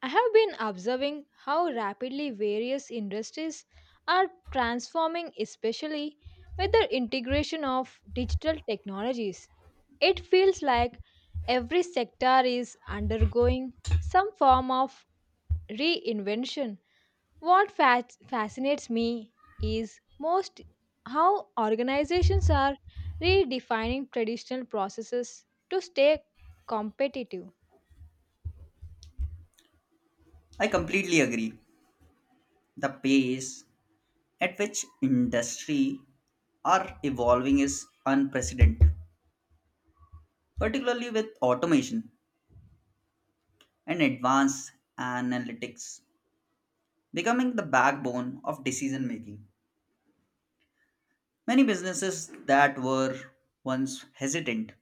I have been observing how rapidly various industries are transforming, especially with the integration of digital technologies. It feels like every sector is undergoing some form of reinvention. What fascinates me is most how organizations are redefining traditional processes to stay competitive. I completely agree. The pace at which industry are evolving is unprecedented, particularly with automation and advanced analytics becoming the backbone of decision making. Many businesses that were once hesitant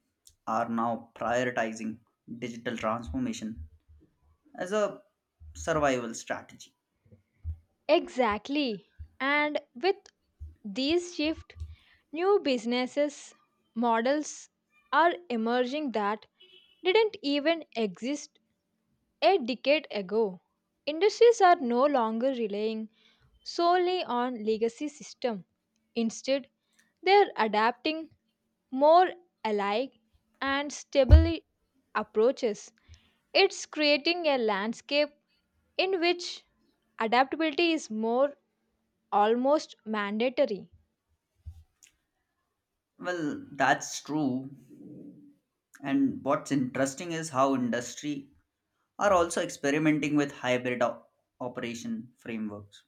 are now prioritizing digital transformation as a survival strategy. Exactly. And with these shift new businesses models are emerging that didn't even exist a decade ago. Industries are no longer relying solely on legacy system. Instead, they are adapting more alike and stable approaches. It's creating a landscape in which adaptability is more almost mandatory. Well, that's true. And what's interesting is how industry are also experimenting with hybrid operation frameworks.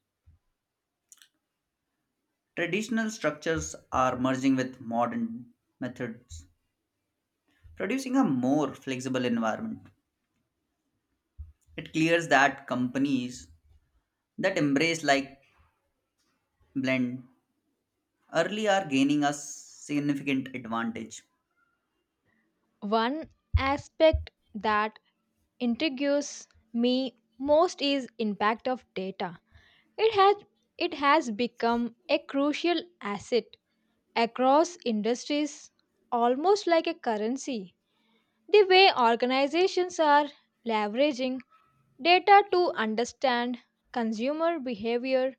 Traditional structures are merging with modern methods, producing a more flexible environment. It clears that companies that embrace like blend early are gaining a significant advantage. One aspect that intrigues me most is impact of data. It has it has become a crucial asset across industries almost like a currency. The way organizations are leveraging data to understand consumer behavior,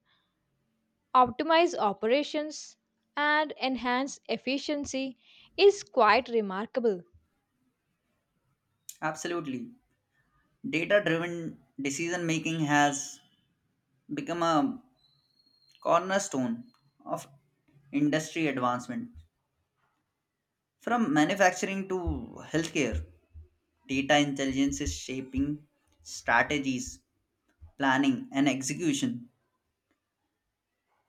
optimize operations, and enhance efficiency is quite remarkable. Absolutely. Data driven decision making has become a cornerstone of industry advancement from manufacturing to healthcare. Data intelligence is shaping strategies, planning, and execution.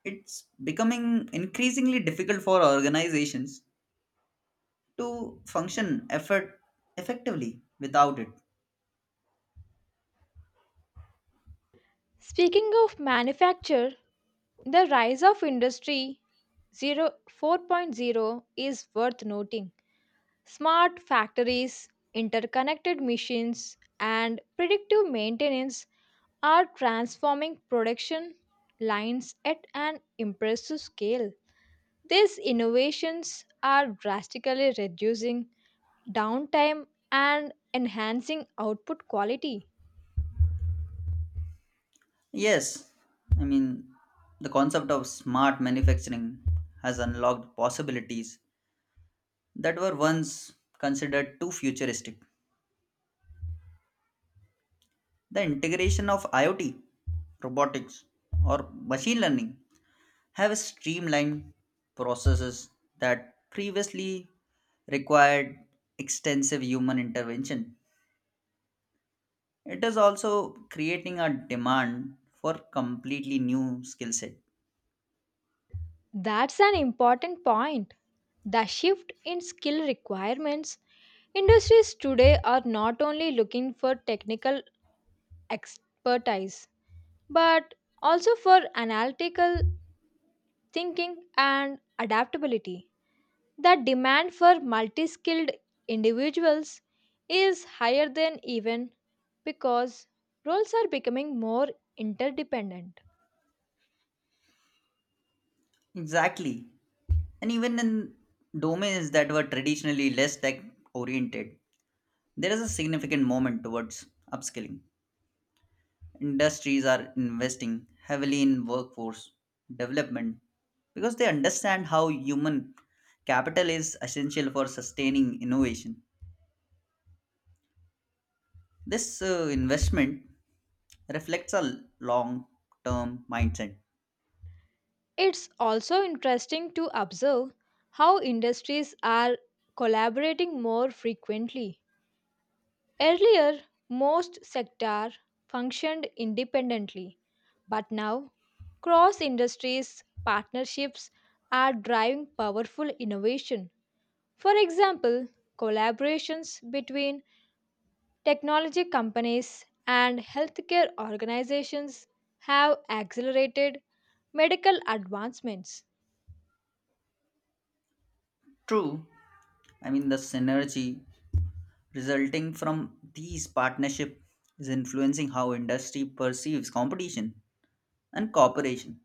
It's becoming increasingly difficult for organizations to function effort effectively without it. Speaking of manufacture, the rise of Industry 0.4.0 is worth noting. Smart factories, interconnected machines, and predictive maintenance are transforming production lines at an impressive scale. These innovations are drastically reducing downtime and enhancing output quality. Yes, I mean, the concept of smart manufacturing has unlocked possibilities that were once considered too futuristic. The integration of IoT, robotics, or machine learning have streamlined processes that previously required extensive human intervention. It is also creating a demand for completely new skill set. That's an important point. The shift in skill requirements. Industries today are not only looking for technical expertise, but also for analytical thinking and adaptability. The demand for multi skilled individuals is higher than even because roles are becoming more interdependent. Exactly. And even in domains that were traditionally less tech oriented, there is a significant moment towards upskilling. Industries are investing heavily in workforce development because they understand how human capital is essential for sustaining innovation. This investment reflects a long term mindset. It's also interesting to observe how industries are collaborating more frequently. Earlier, most sector functioned independently, but now cross industries partnerships are driving powerful innovation. For example, collaborations between technology companies and healthcare organizations have accelerated medical advancements. True, I mean, the synergy resulting from these partnership is influencing how industry perceives competition and cooperation.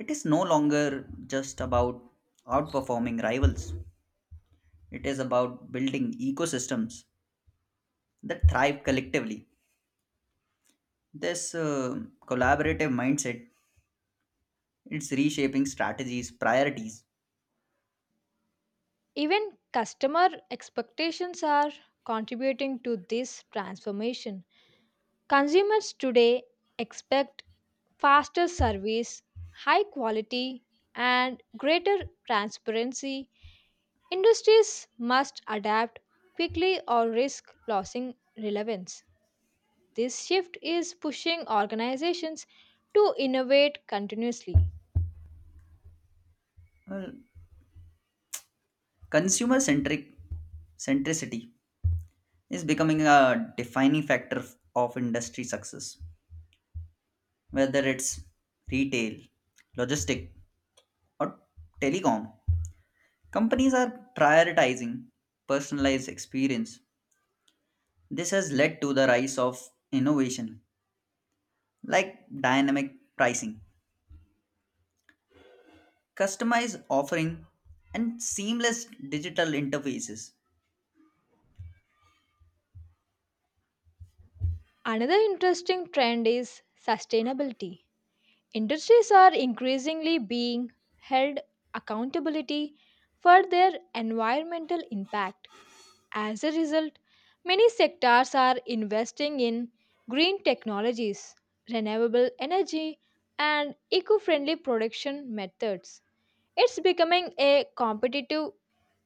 It is no longer just about outperforming rivals, it is about building ecosystems that thrive collectively. This collaborative mindset it's reshaping strategies, priorities. Even customer expectations are contributing to this transformation. Consumers today expect faster service, high quality, and greater transparency. Industries must adapt quickly or risk losing relevance. This shift is pushing organizations to innovate continuously. Well, consumer centricity is becoming a defining factor of industry success, whether it's retail, logistic, or telecom. Companies are prioritizing personalized experience. This has led to the rise of innovation like dynamic pricing customized offering and seamless digital interfaces. Another interesting trend is sustainability. Industries are increasingly being held accountability for their environmental impact. As a result, many sectors are investing in green technologies, renewable energy, and eco-friendly production methods. It's becoming a competitive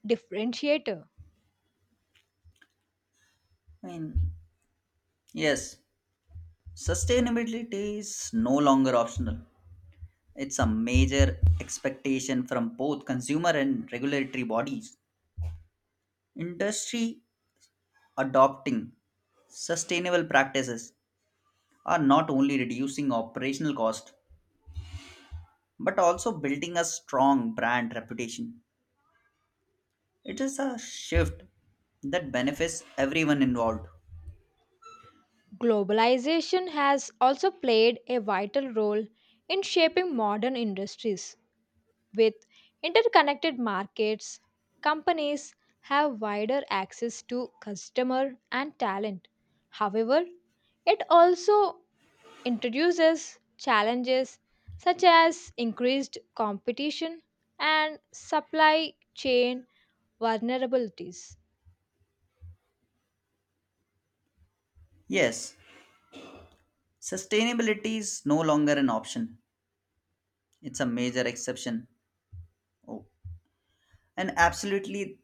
differentiator. I mean, yes, sustainability is no longer optional. It's a major expectation from both consumer and regulatory bodies. Industry adopting sustainable practices are not only reducing operational cost but also building a strong brand reputation. It is a shift that benefits everyone involved. Globalization has also played a vital role in shaping modern industries. With interconnected markets, companies have wider access to customer and talent. However, it also introduces challenges such as increased competition and supply chain vulnerabilities. Yes, sustainability is no longer an option, it's a major exception. Oh, and absolutely,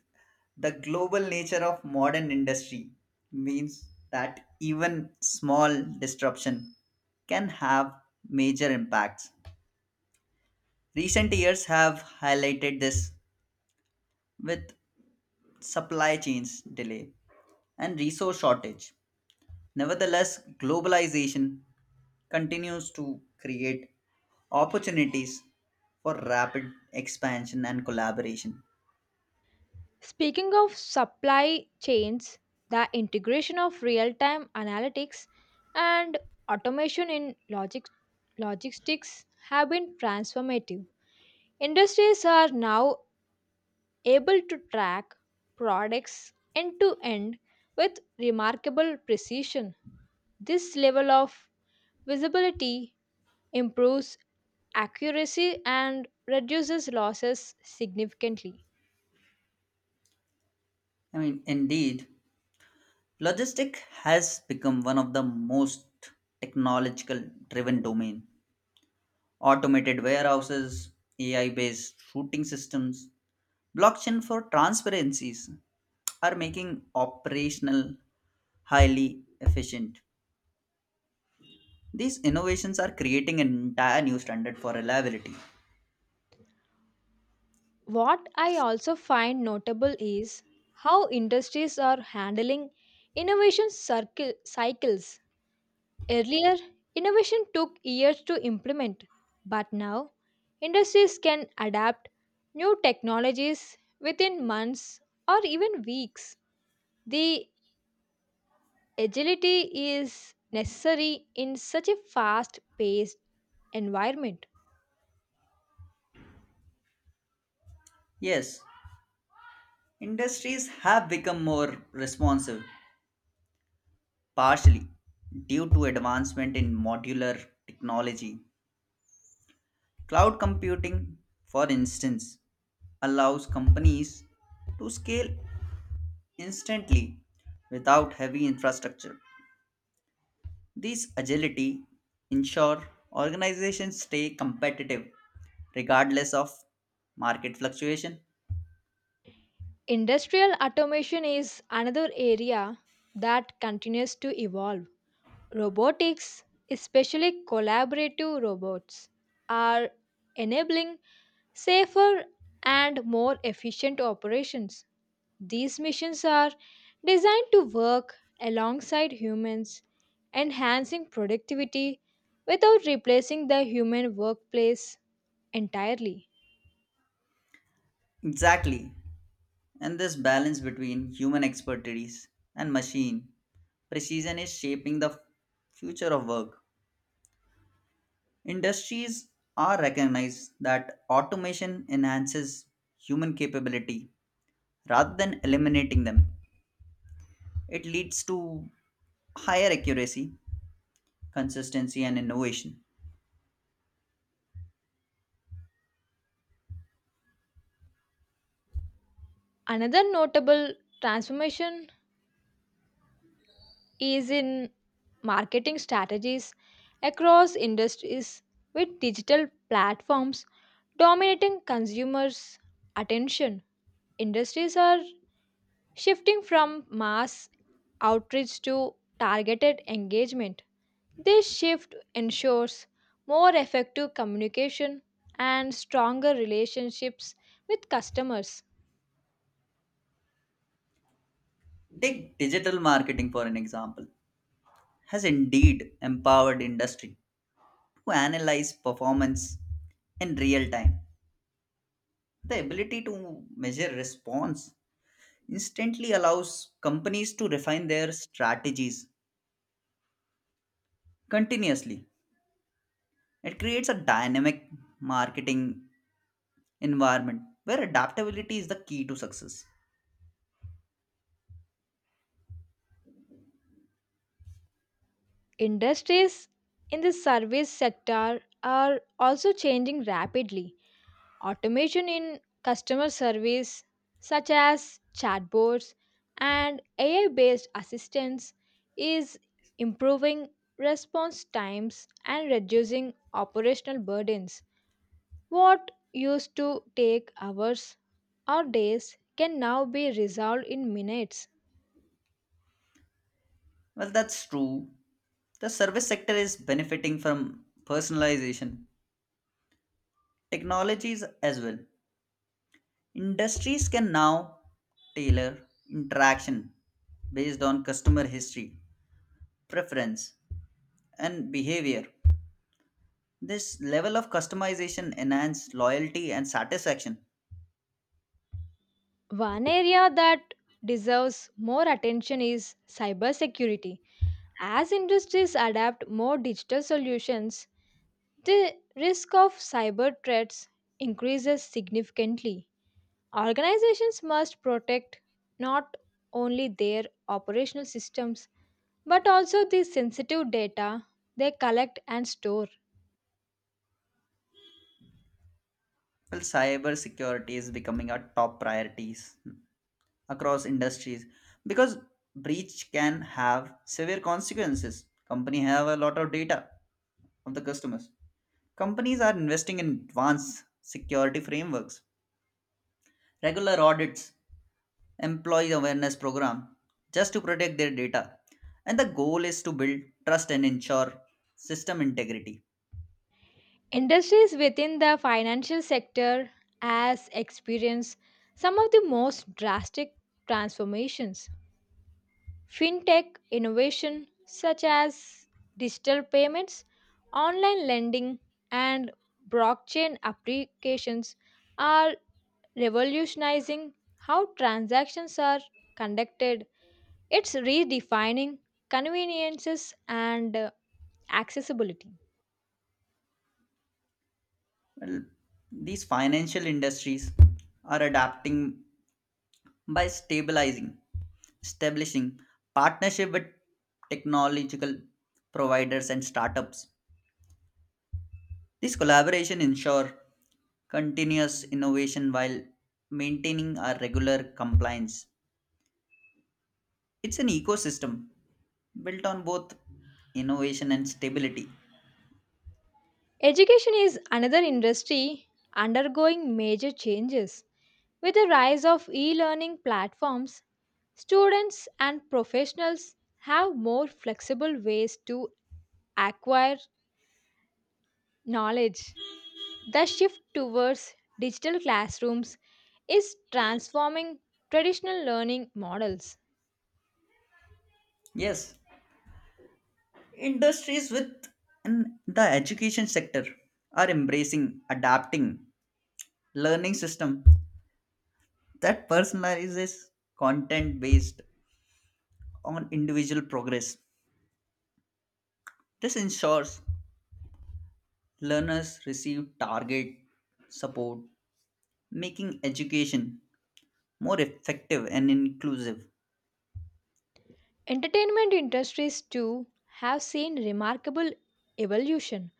the global nature of modern industry means that even small disruption can have major impacts. Recent years have highlighted this with supply chains delay and resource shortage. Nevertheless, globalization continues to create opportunities for rapid expansion and collaboration. Speaking of supply chains, the integration of real time analytics and automation in logistics have been transformative. Industries are now able to track products end to end with remarkable precision. This level of visibility improves accuracy and reduces losses significantly. I mean, indeed, logistic has become one of the most technological driven domain. Automated warehouses, AI-based routing systems, blockchain for transparencies are making operational highly efficient. These innovations are creating an entire new standard for reliability. What I also find notable is how industries are handling innovation cycles. Earlier, innovation took years to implement, but now industries can adapt new technologies within months or even weeks. The agility is necessary in such a fast paced environment. Yes, industries have become more responsive, partially due to advancement in modular technology. Cloud computing, for instance, allows companies to scale instantly without heavy infrastructure. This agility ensure organizations stay competitive regardless of market fluctuation. Industrial automation is another area that continues to evolve. Robotics, especially collaborative robots, are enabling safer, and more efficient operations. These missions are designed to work alongside humans, enhancing productivity without replacing the human workplace entirely. Exactly. And this balance between human expertise and machine precision is shaping the future of work. Industries are recognized that automation enhances human capability rather than eliminating them. It leads to higher accuracy, consistency, and innovation. Another notable transformation is in marketing strategies across industries with digital platforms dominating consumers' attention. Industries are shifting from mass outreach to targeted engagement, this shift ensures more effective communication and stronger relationships with customers. Take digital marketing for an example, has indeed empowered industry to analyze performance in real time. The ability to measure response instantly allows companies to refine their strategies continuously. It creates a dynamic marketing environment where adaptability is the key to success. Industries in the service sector are also changing rapidly. Automation in customer service, such as chatbots and AI based assistants, is improving response times and reducing operational burdens. What used to take hours or days can now be resolved in minutes. Well, that's true. The service sector is benefiting from personalization technologies as well. Industries can now tailor interaction based on customer history, preference, and behavior. This level of customization enhanced loyalty and satisfaction. One area that deserves more attention is cybersecurity. As industries adapt more digital solutions, the risk of cyber threats increases significantly. Organizations must protect not only their operational systems but also the sensitive data they collect and store. Well, cybersecurity is becoming a top priority across industries because breach can have severe consequences. Company have a lot of data of the customers. Companies are investing in advanced security frameworks, regular audits, employee awareness program just to protect their data. And the goal is to build trust and ensure system integrity. Industries within the financial sector has experienced some of the most drastic transformations. Fintech innovation such as digital payments, online lending, and blockchain applications are revolutionizing how transactions are conducted. It's redefining conveniences and accessibility. Well, these financial industries are adapting by stabilizing, establishing partnership with technological providers and startups. These collaboration ensure continuous innovation while maintaining our regular compliance. It's an ecosystem built on both innovation and stability. Education is another industry undergoing major changes. With the rise of e learning platforms, students and professionals have more flexible ways to acquire knowledge. The shift towards digital classrooms is transforming traditional learning models. Yes, industries with in the education sector are embracing adapting learning system that personalizes content based on individual progress. This ensures learners receive target support, making education more effective and inclusive. Entertainment industries too have seen remarkable evolution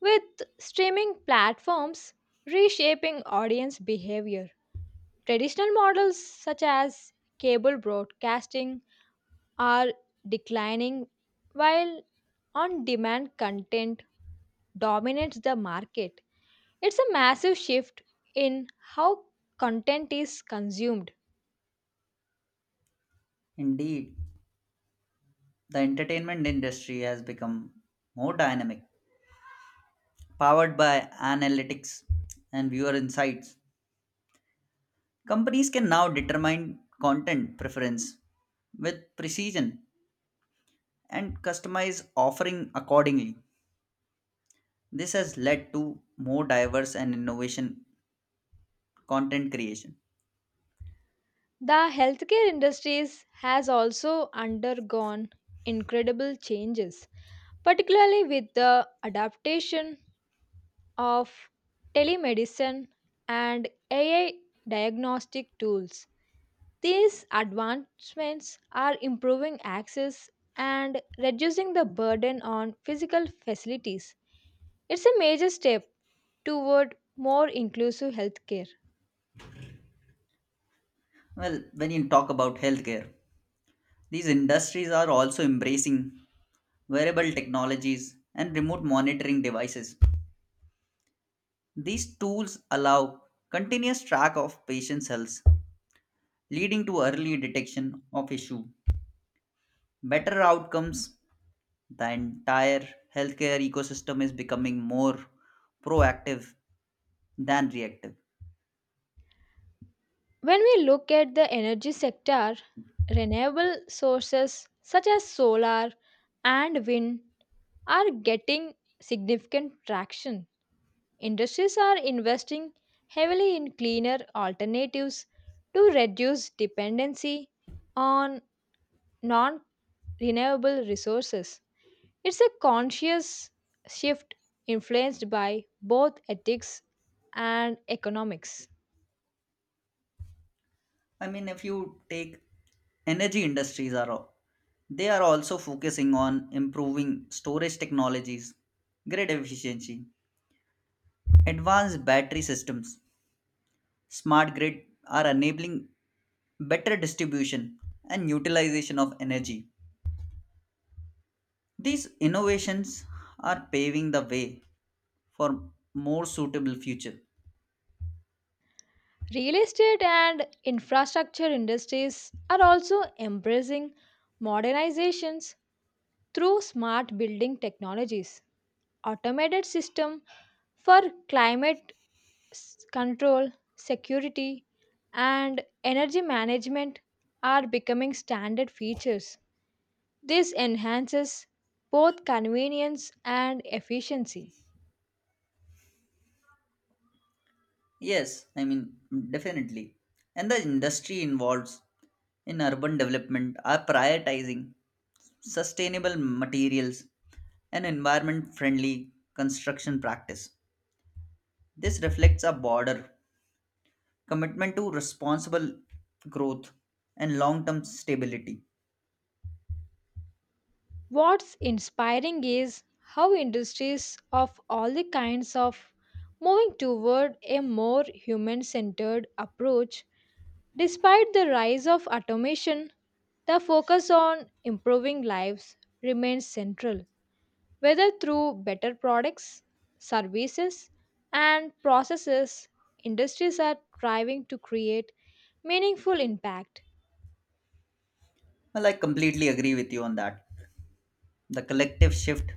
with streaming platforms reshaping audience behavior. Traditional models such as cable broadcasting are declining while on demand content dominates the market. It's a massive shift in how content is consumed. Indeed, the entertainment industry has become more dynamic, powered by analytics and viewer insights. Companies can now determine content preference with precision and customize offering accordingly. This has led to more diverse and innovation content creation. The healthcare industries has also undergone incredible changes, particularly with the adaptation of telemedicine and AI diagnostic tools. These advancements are improving access and reducing the burden on physical facilities. It's a major step toward more inclusive healthcare. Well, when you talk about healthcare, these industries are also embracing wearable technologies and remote monitoring devices. These tools allow continuous track of patients' health, leading to early detection of issue, better outcomes. The entire healthcare ecosystem is becoming more proactive than reactive. When we look at the energy sector, renewable sources such as solar and wind are getting significant traction. Industries are investing heavily in cleaner alternatives to reduce dependency on non renewable resources. It's a conscious shift influenced by both ethics and economics. I mean, if you take energy industries they are also focusing on improving storage technologies, grid efficiency, advanced battery systems, smart grid are enabling better distribution and utilization of energy. These innovations are paving the way for more suitable future. Real estate and infrastructure industries are also embracing modernizations through smart building technologies, automated system for climate control, security, and energy management are becoming standard features. This enhances both convenience and efficiency. Yes, I mean definitely. And the industry involves in urban development are prioritizing sustainable materials, and environment friendly construction practice. This reflects a broader commitment to responsible growth and long term stability. What's inspiring is how industries of all the kinds of moving toward a more human centered approach. Despite the rise of automation, the focus on improving lives remains central, whether through better products, services, and processes, industries are striving to create meaningful impact. Well, I completely agree with you on that. The collective shift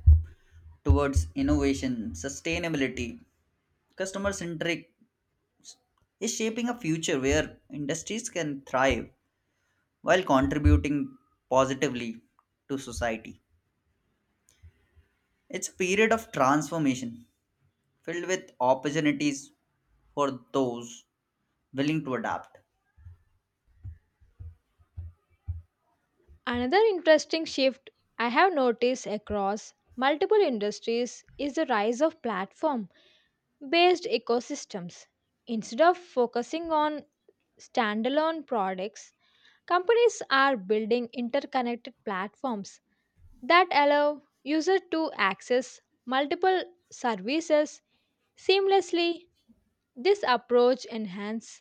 towards innovation, sustainability, customer centric is shaping a future where industries can thrive while contributing positively to society. It's a period of transformation filled with opportunities for those willing to adapt. Another interesting shift I have noticed across multiple industries is the rise of platform based ecosystems. Instead of focusing on standalone products, companies are building interconnected platforms that allow users to access multiple services seamlessly. This approach enhances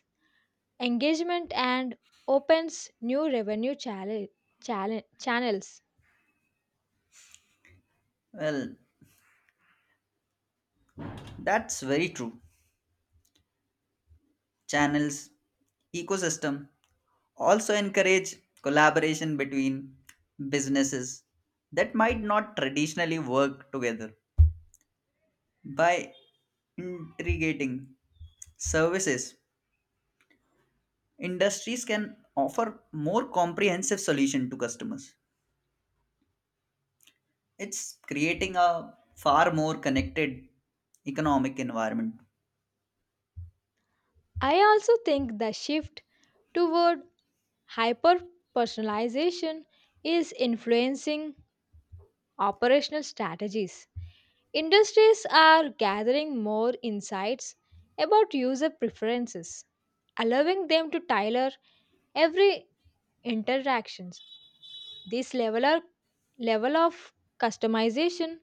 engagement and opens new revenue channels. Well, that's very true. Channels, ecosystem also encourage collaboration between businesses that might not traditionally work together. By integrating services, industries can offer more comprehensive solution to customers. It's creating a far more connected economic environment. I also think the shift toward hyper personalization is influencing operational strategies. Industries are gathering more insights about user preferences, allowing them to tailor every interactions. This level of customization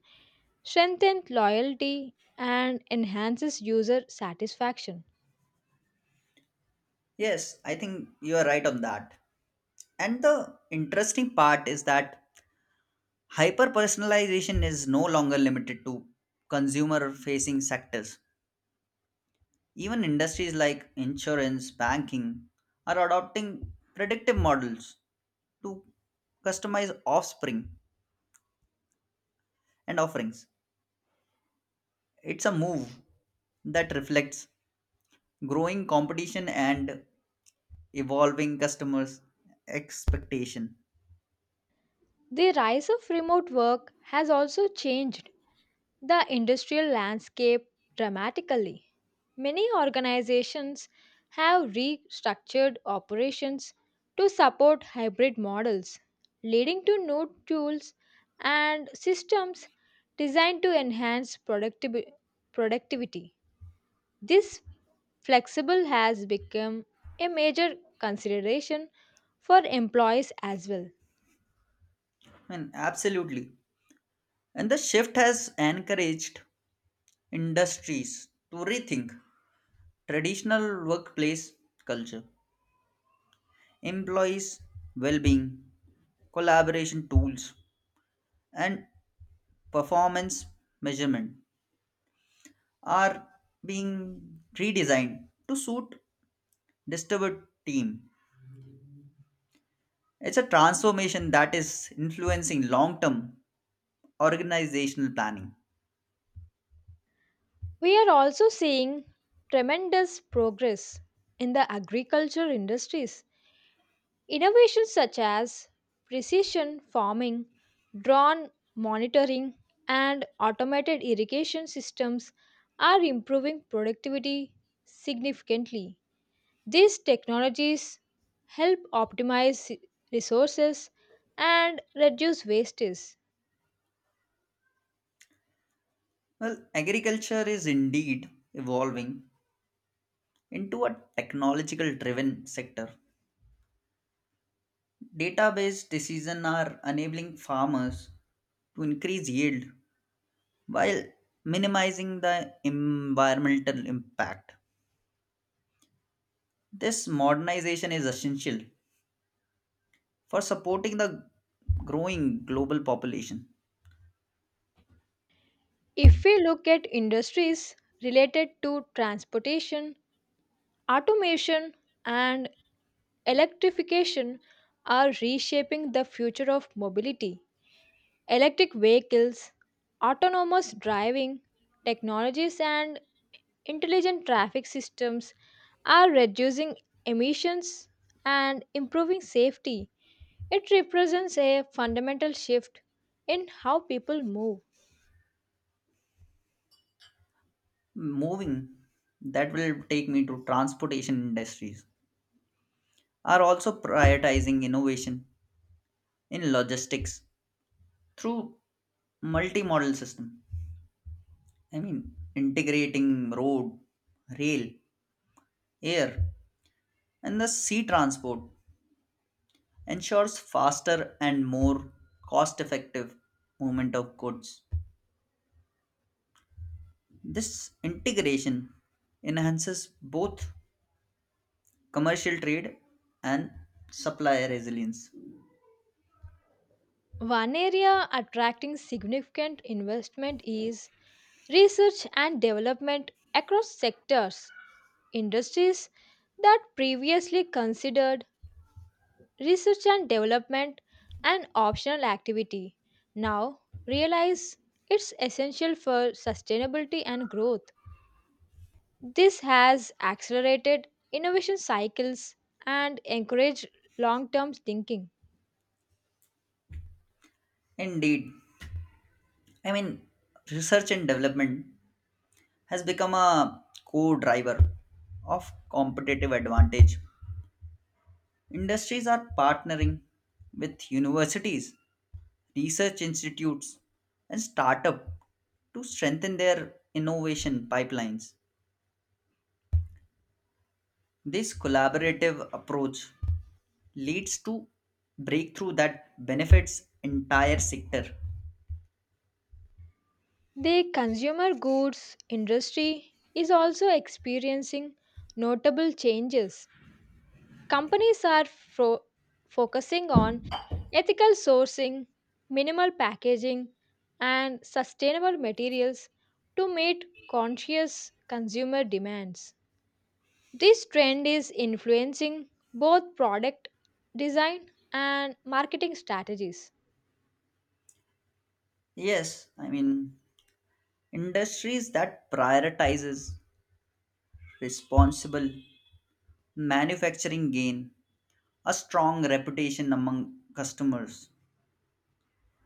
strengthens loyalty and enhances user satisfaction. Yes, I think you are right on that. And the interesting part is that hyper personalization is no longer limited to consumer facing sectors. Even industries like insurance, banking are adopting predictive models to customize offspring and offerings. It's a move that reflects growing competition and evolving customers' expectation. The rise of remote work has also changed the industrial landscape dramatically. Many organizations have restructured operations to support hybrid models, leading to new tools and systems designed to enhance productivity. This flexible has become a major consideration for employees as well. I mean, absolutely. And the shift has encouraged industries to rethink traditional workplace culture, employees' well being, collaboration tools, and performance measurement are being redesigned to suit disturbed team. It's a transformation that is influencing long term organizational planning. We are also seeing tremendous progress in the agriculture industries. Innovations such as precision farming, drone monitoring, and automated irrigation systems are improving productivity significantly. These technologies help optimize resources and reduce wastage. Well, agriculture is indeed evolving into a technological driven sector. Data-based decisions are enabling farmers to increase yield while minimizing the environmental impact. This modernization is essential for supporting the growing global population. If we look at industries related to transportation automation and electrification are reshaping the future of mobility. Electric vehicles, autonomous driving technologies, and intelligent traffic systems are reducing emissions and improving safety. It represents a fundamental shift in how people move. Moving that will take me to transportation industries are also prioritizing innovation in logistics through multimodal system. I mean integrating road, rail, air and the sea transport ensures faster and more cost effective movement of goods. This integration enhances both commercial trade and supply resilience. One area attracting significant investment is research and development across sectors. Industries that previously considered research and development an optional activity now realize it's essential for sustainability and growth. This has accelerated innovation cycles and encouraged long term thinking. Indeed, I mean, research and development has become a core driver of competitive advantage. Industries are partnering with universities research institutes and startups to strengthen their innovation pipelines. This collaborative approach leads to breakthrough that benefits entire sector. The consumer goods industry is also experiencing notable changes. Companies are focusing on ethical sourcing, minimal packaging, and sustainable materials to meet conscious consumer demands. This trend is influencing both product design and marketing strategies. Yes, I mean industries that prioritizes responsible manufacturing gain a strong reputation among customers.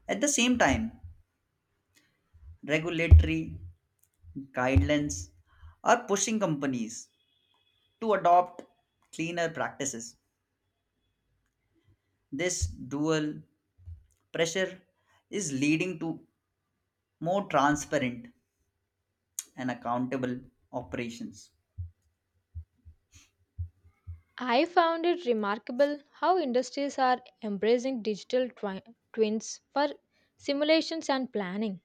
At the same time, regulatory guidelines are pushing companies to adopt cleaner practices. This dual pressure is leading to more transparent and accountable operations. I found it remarkable how industries are embracing digital twins for simulations and planning.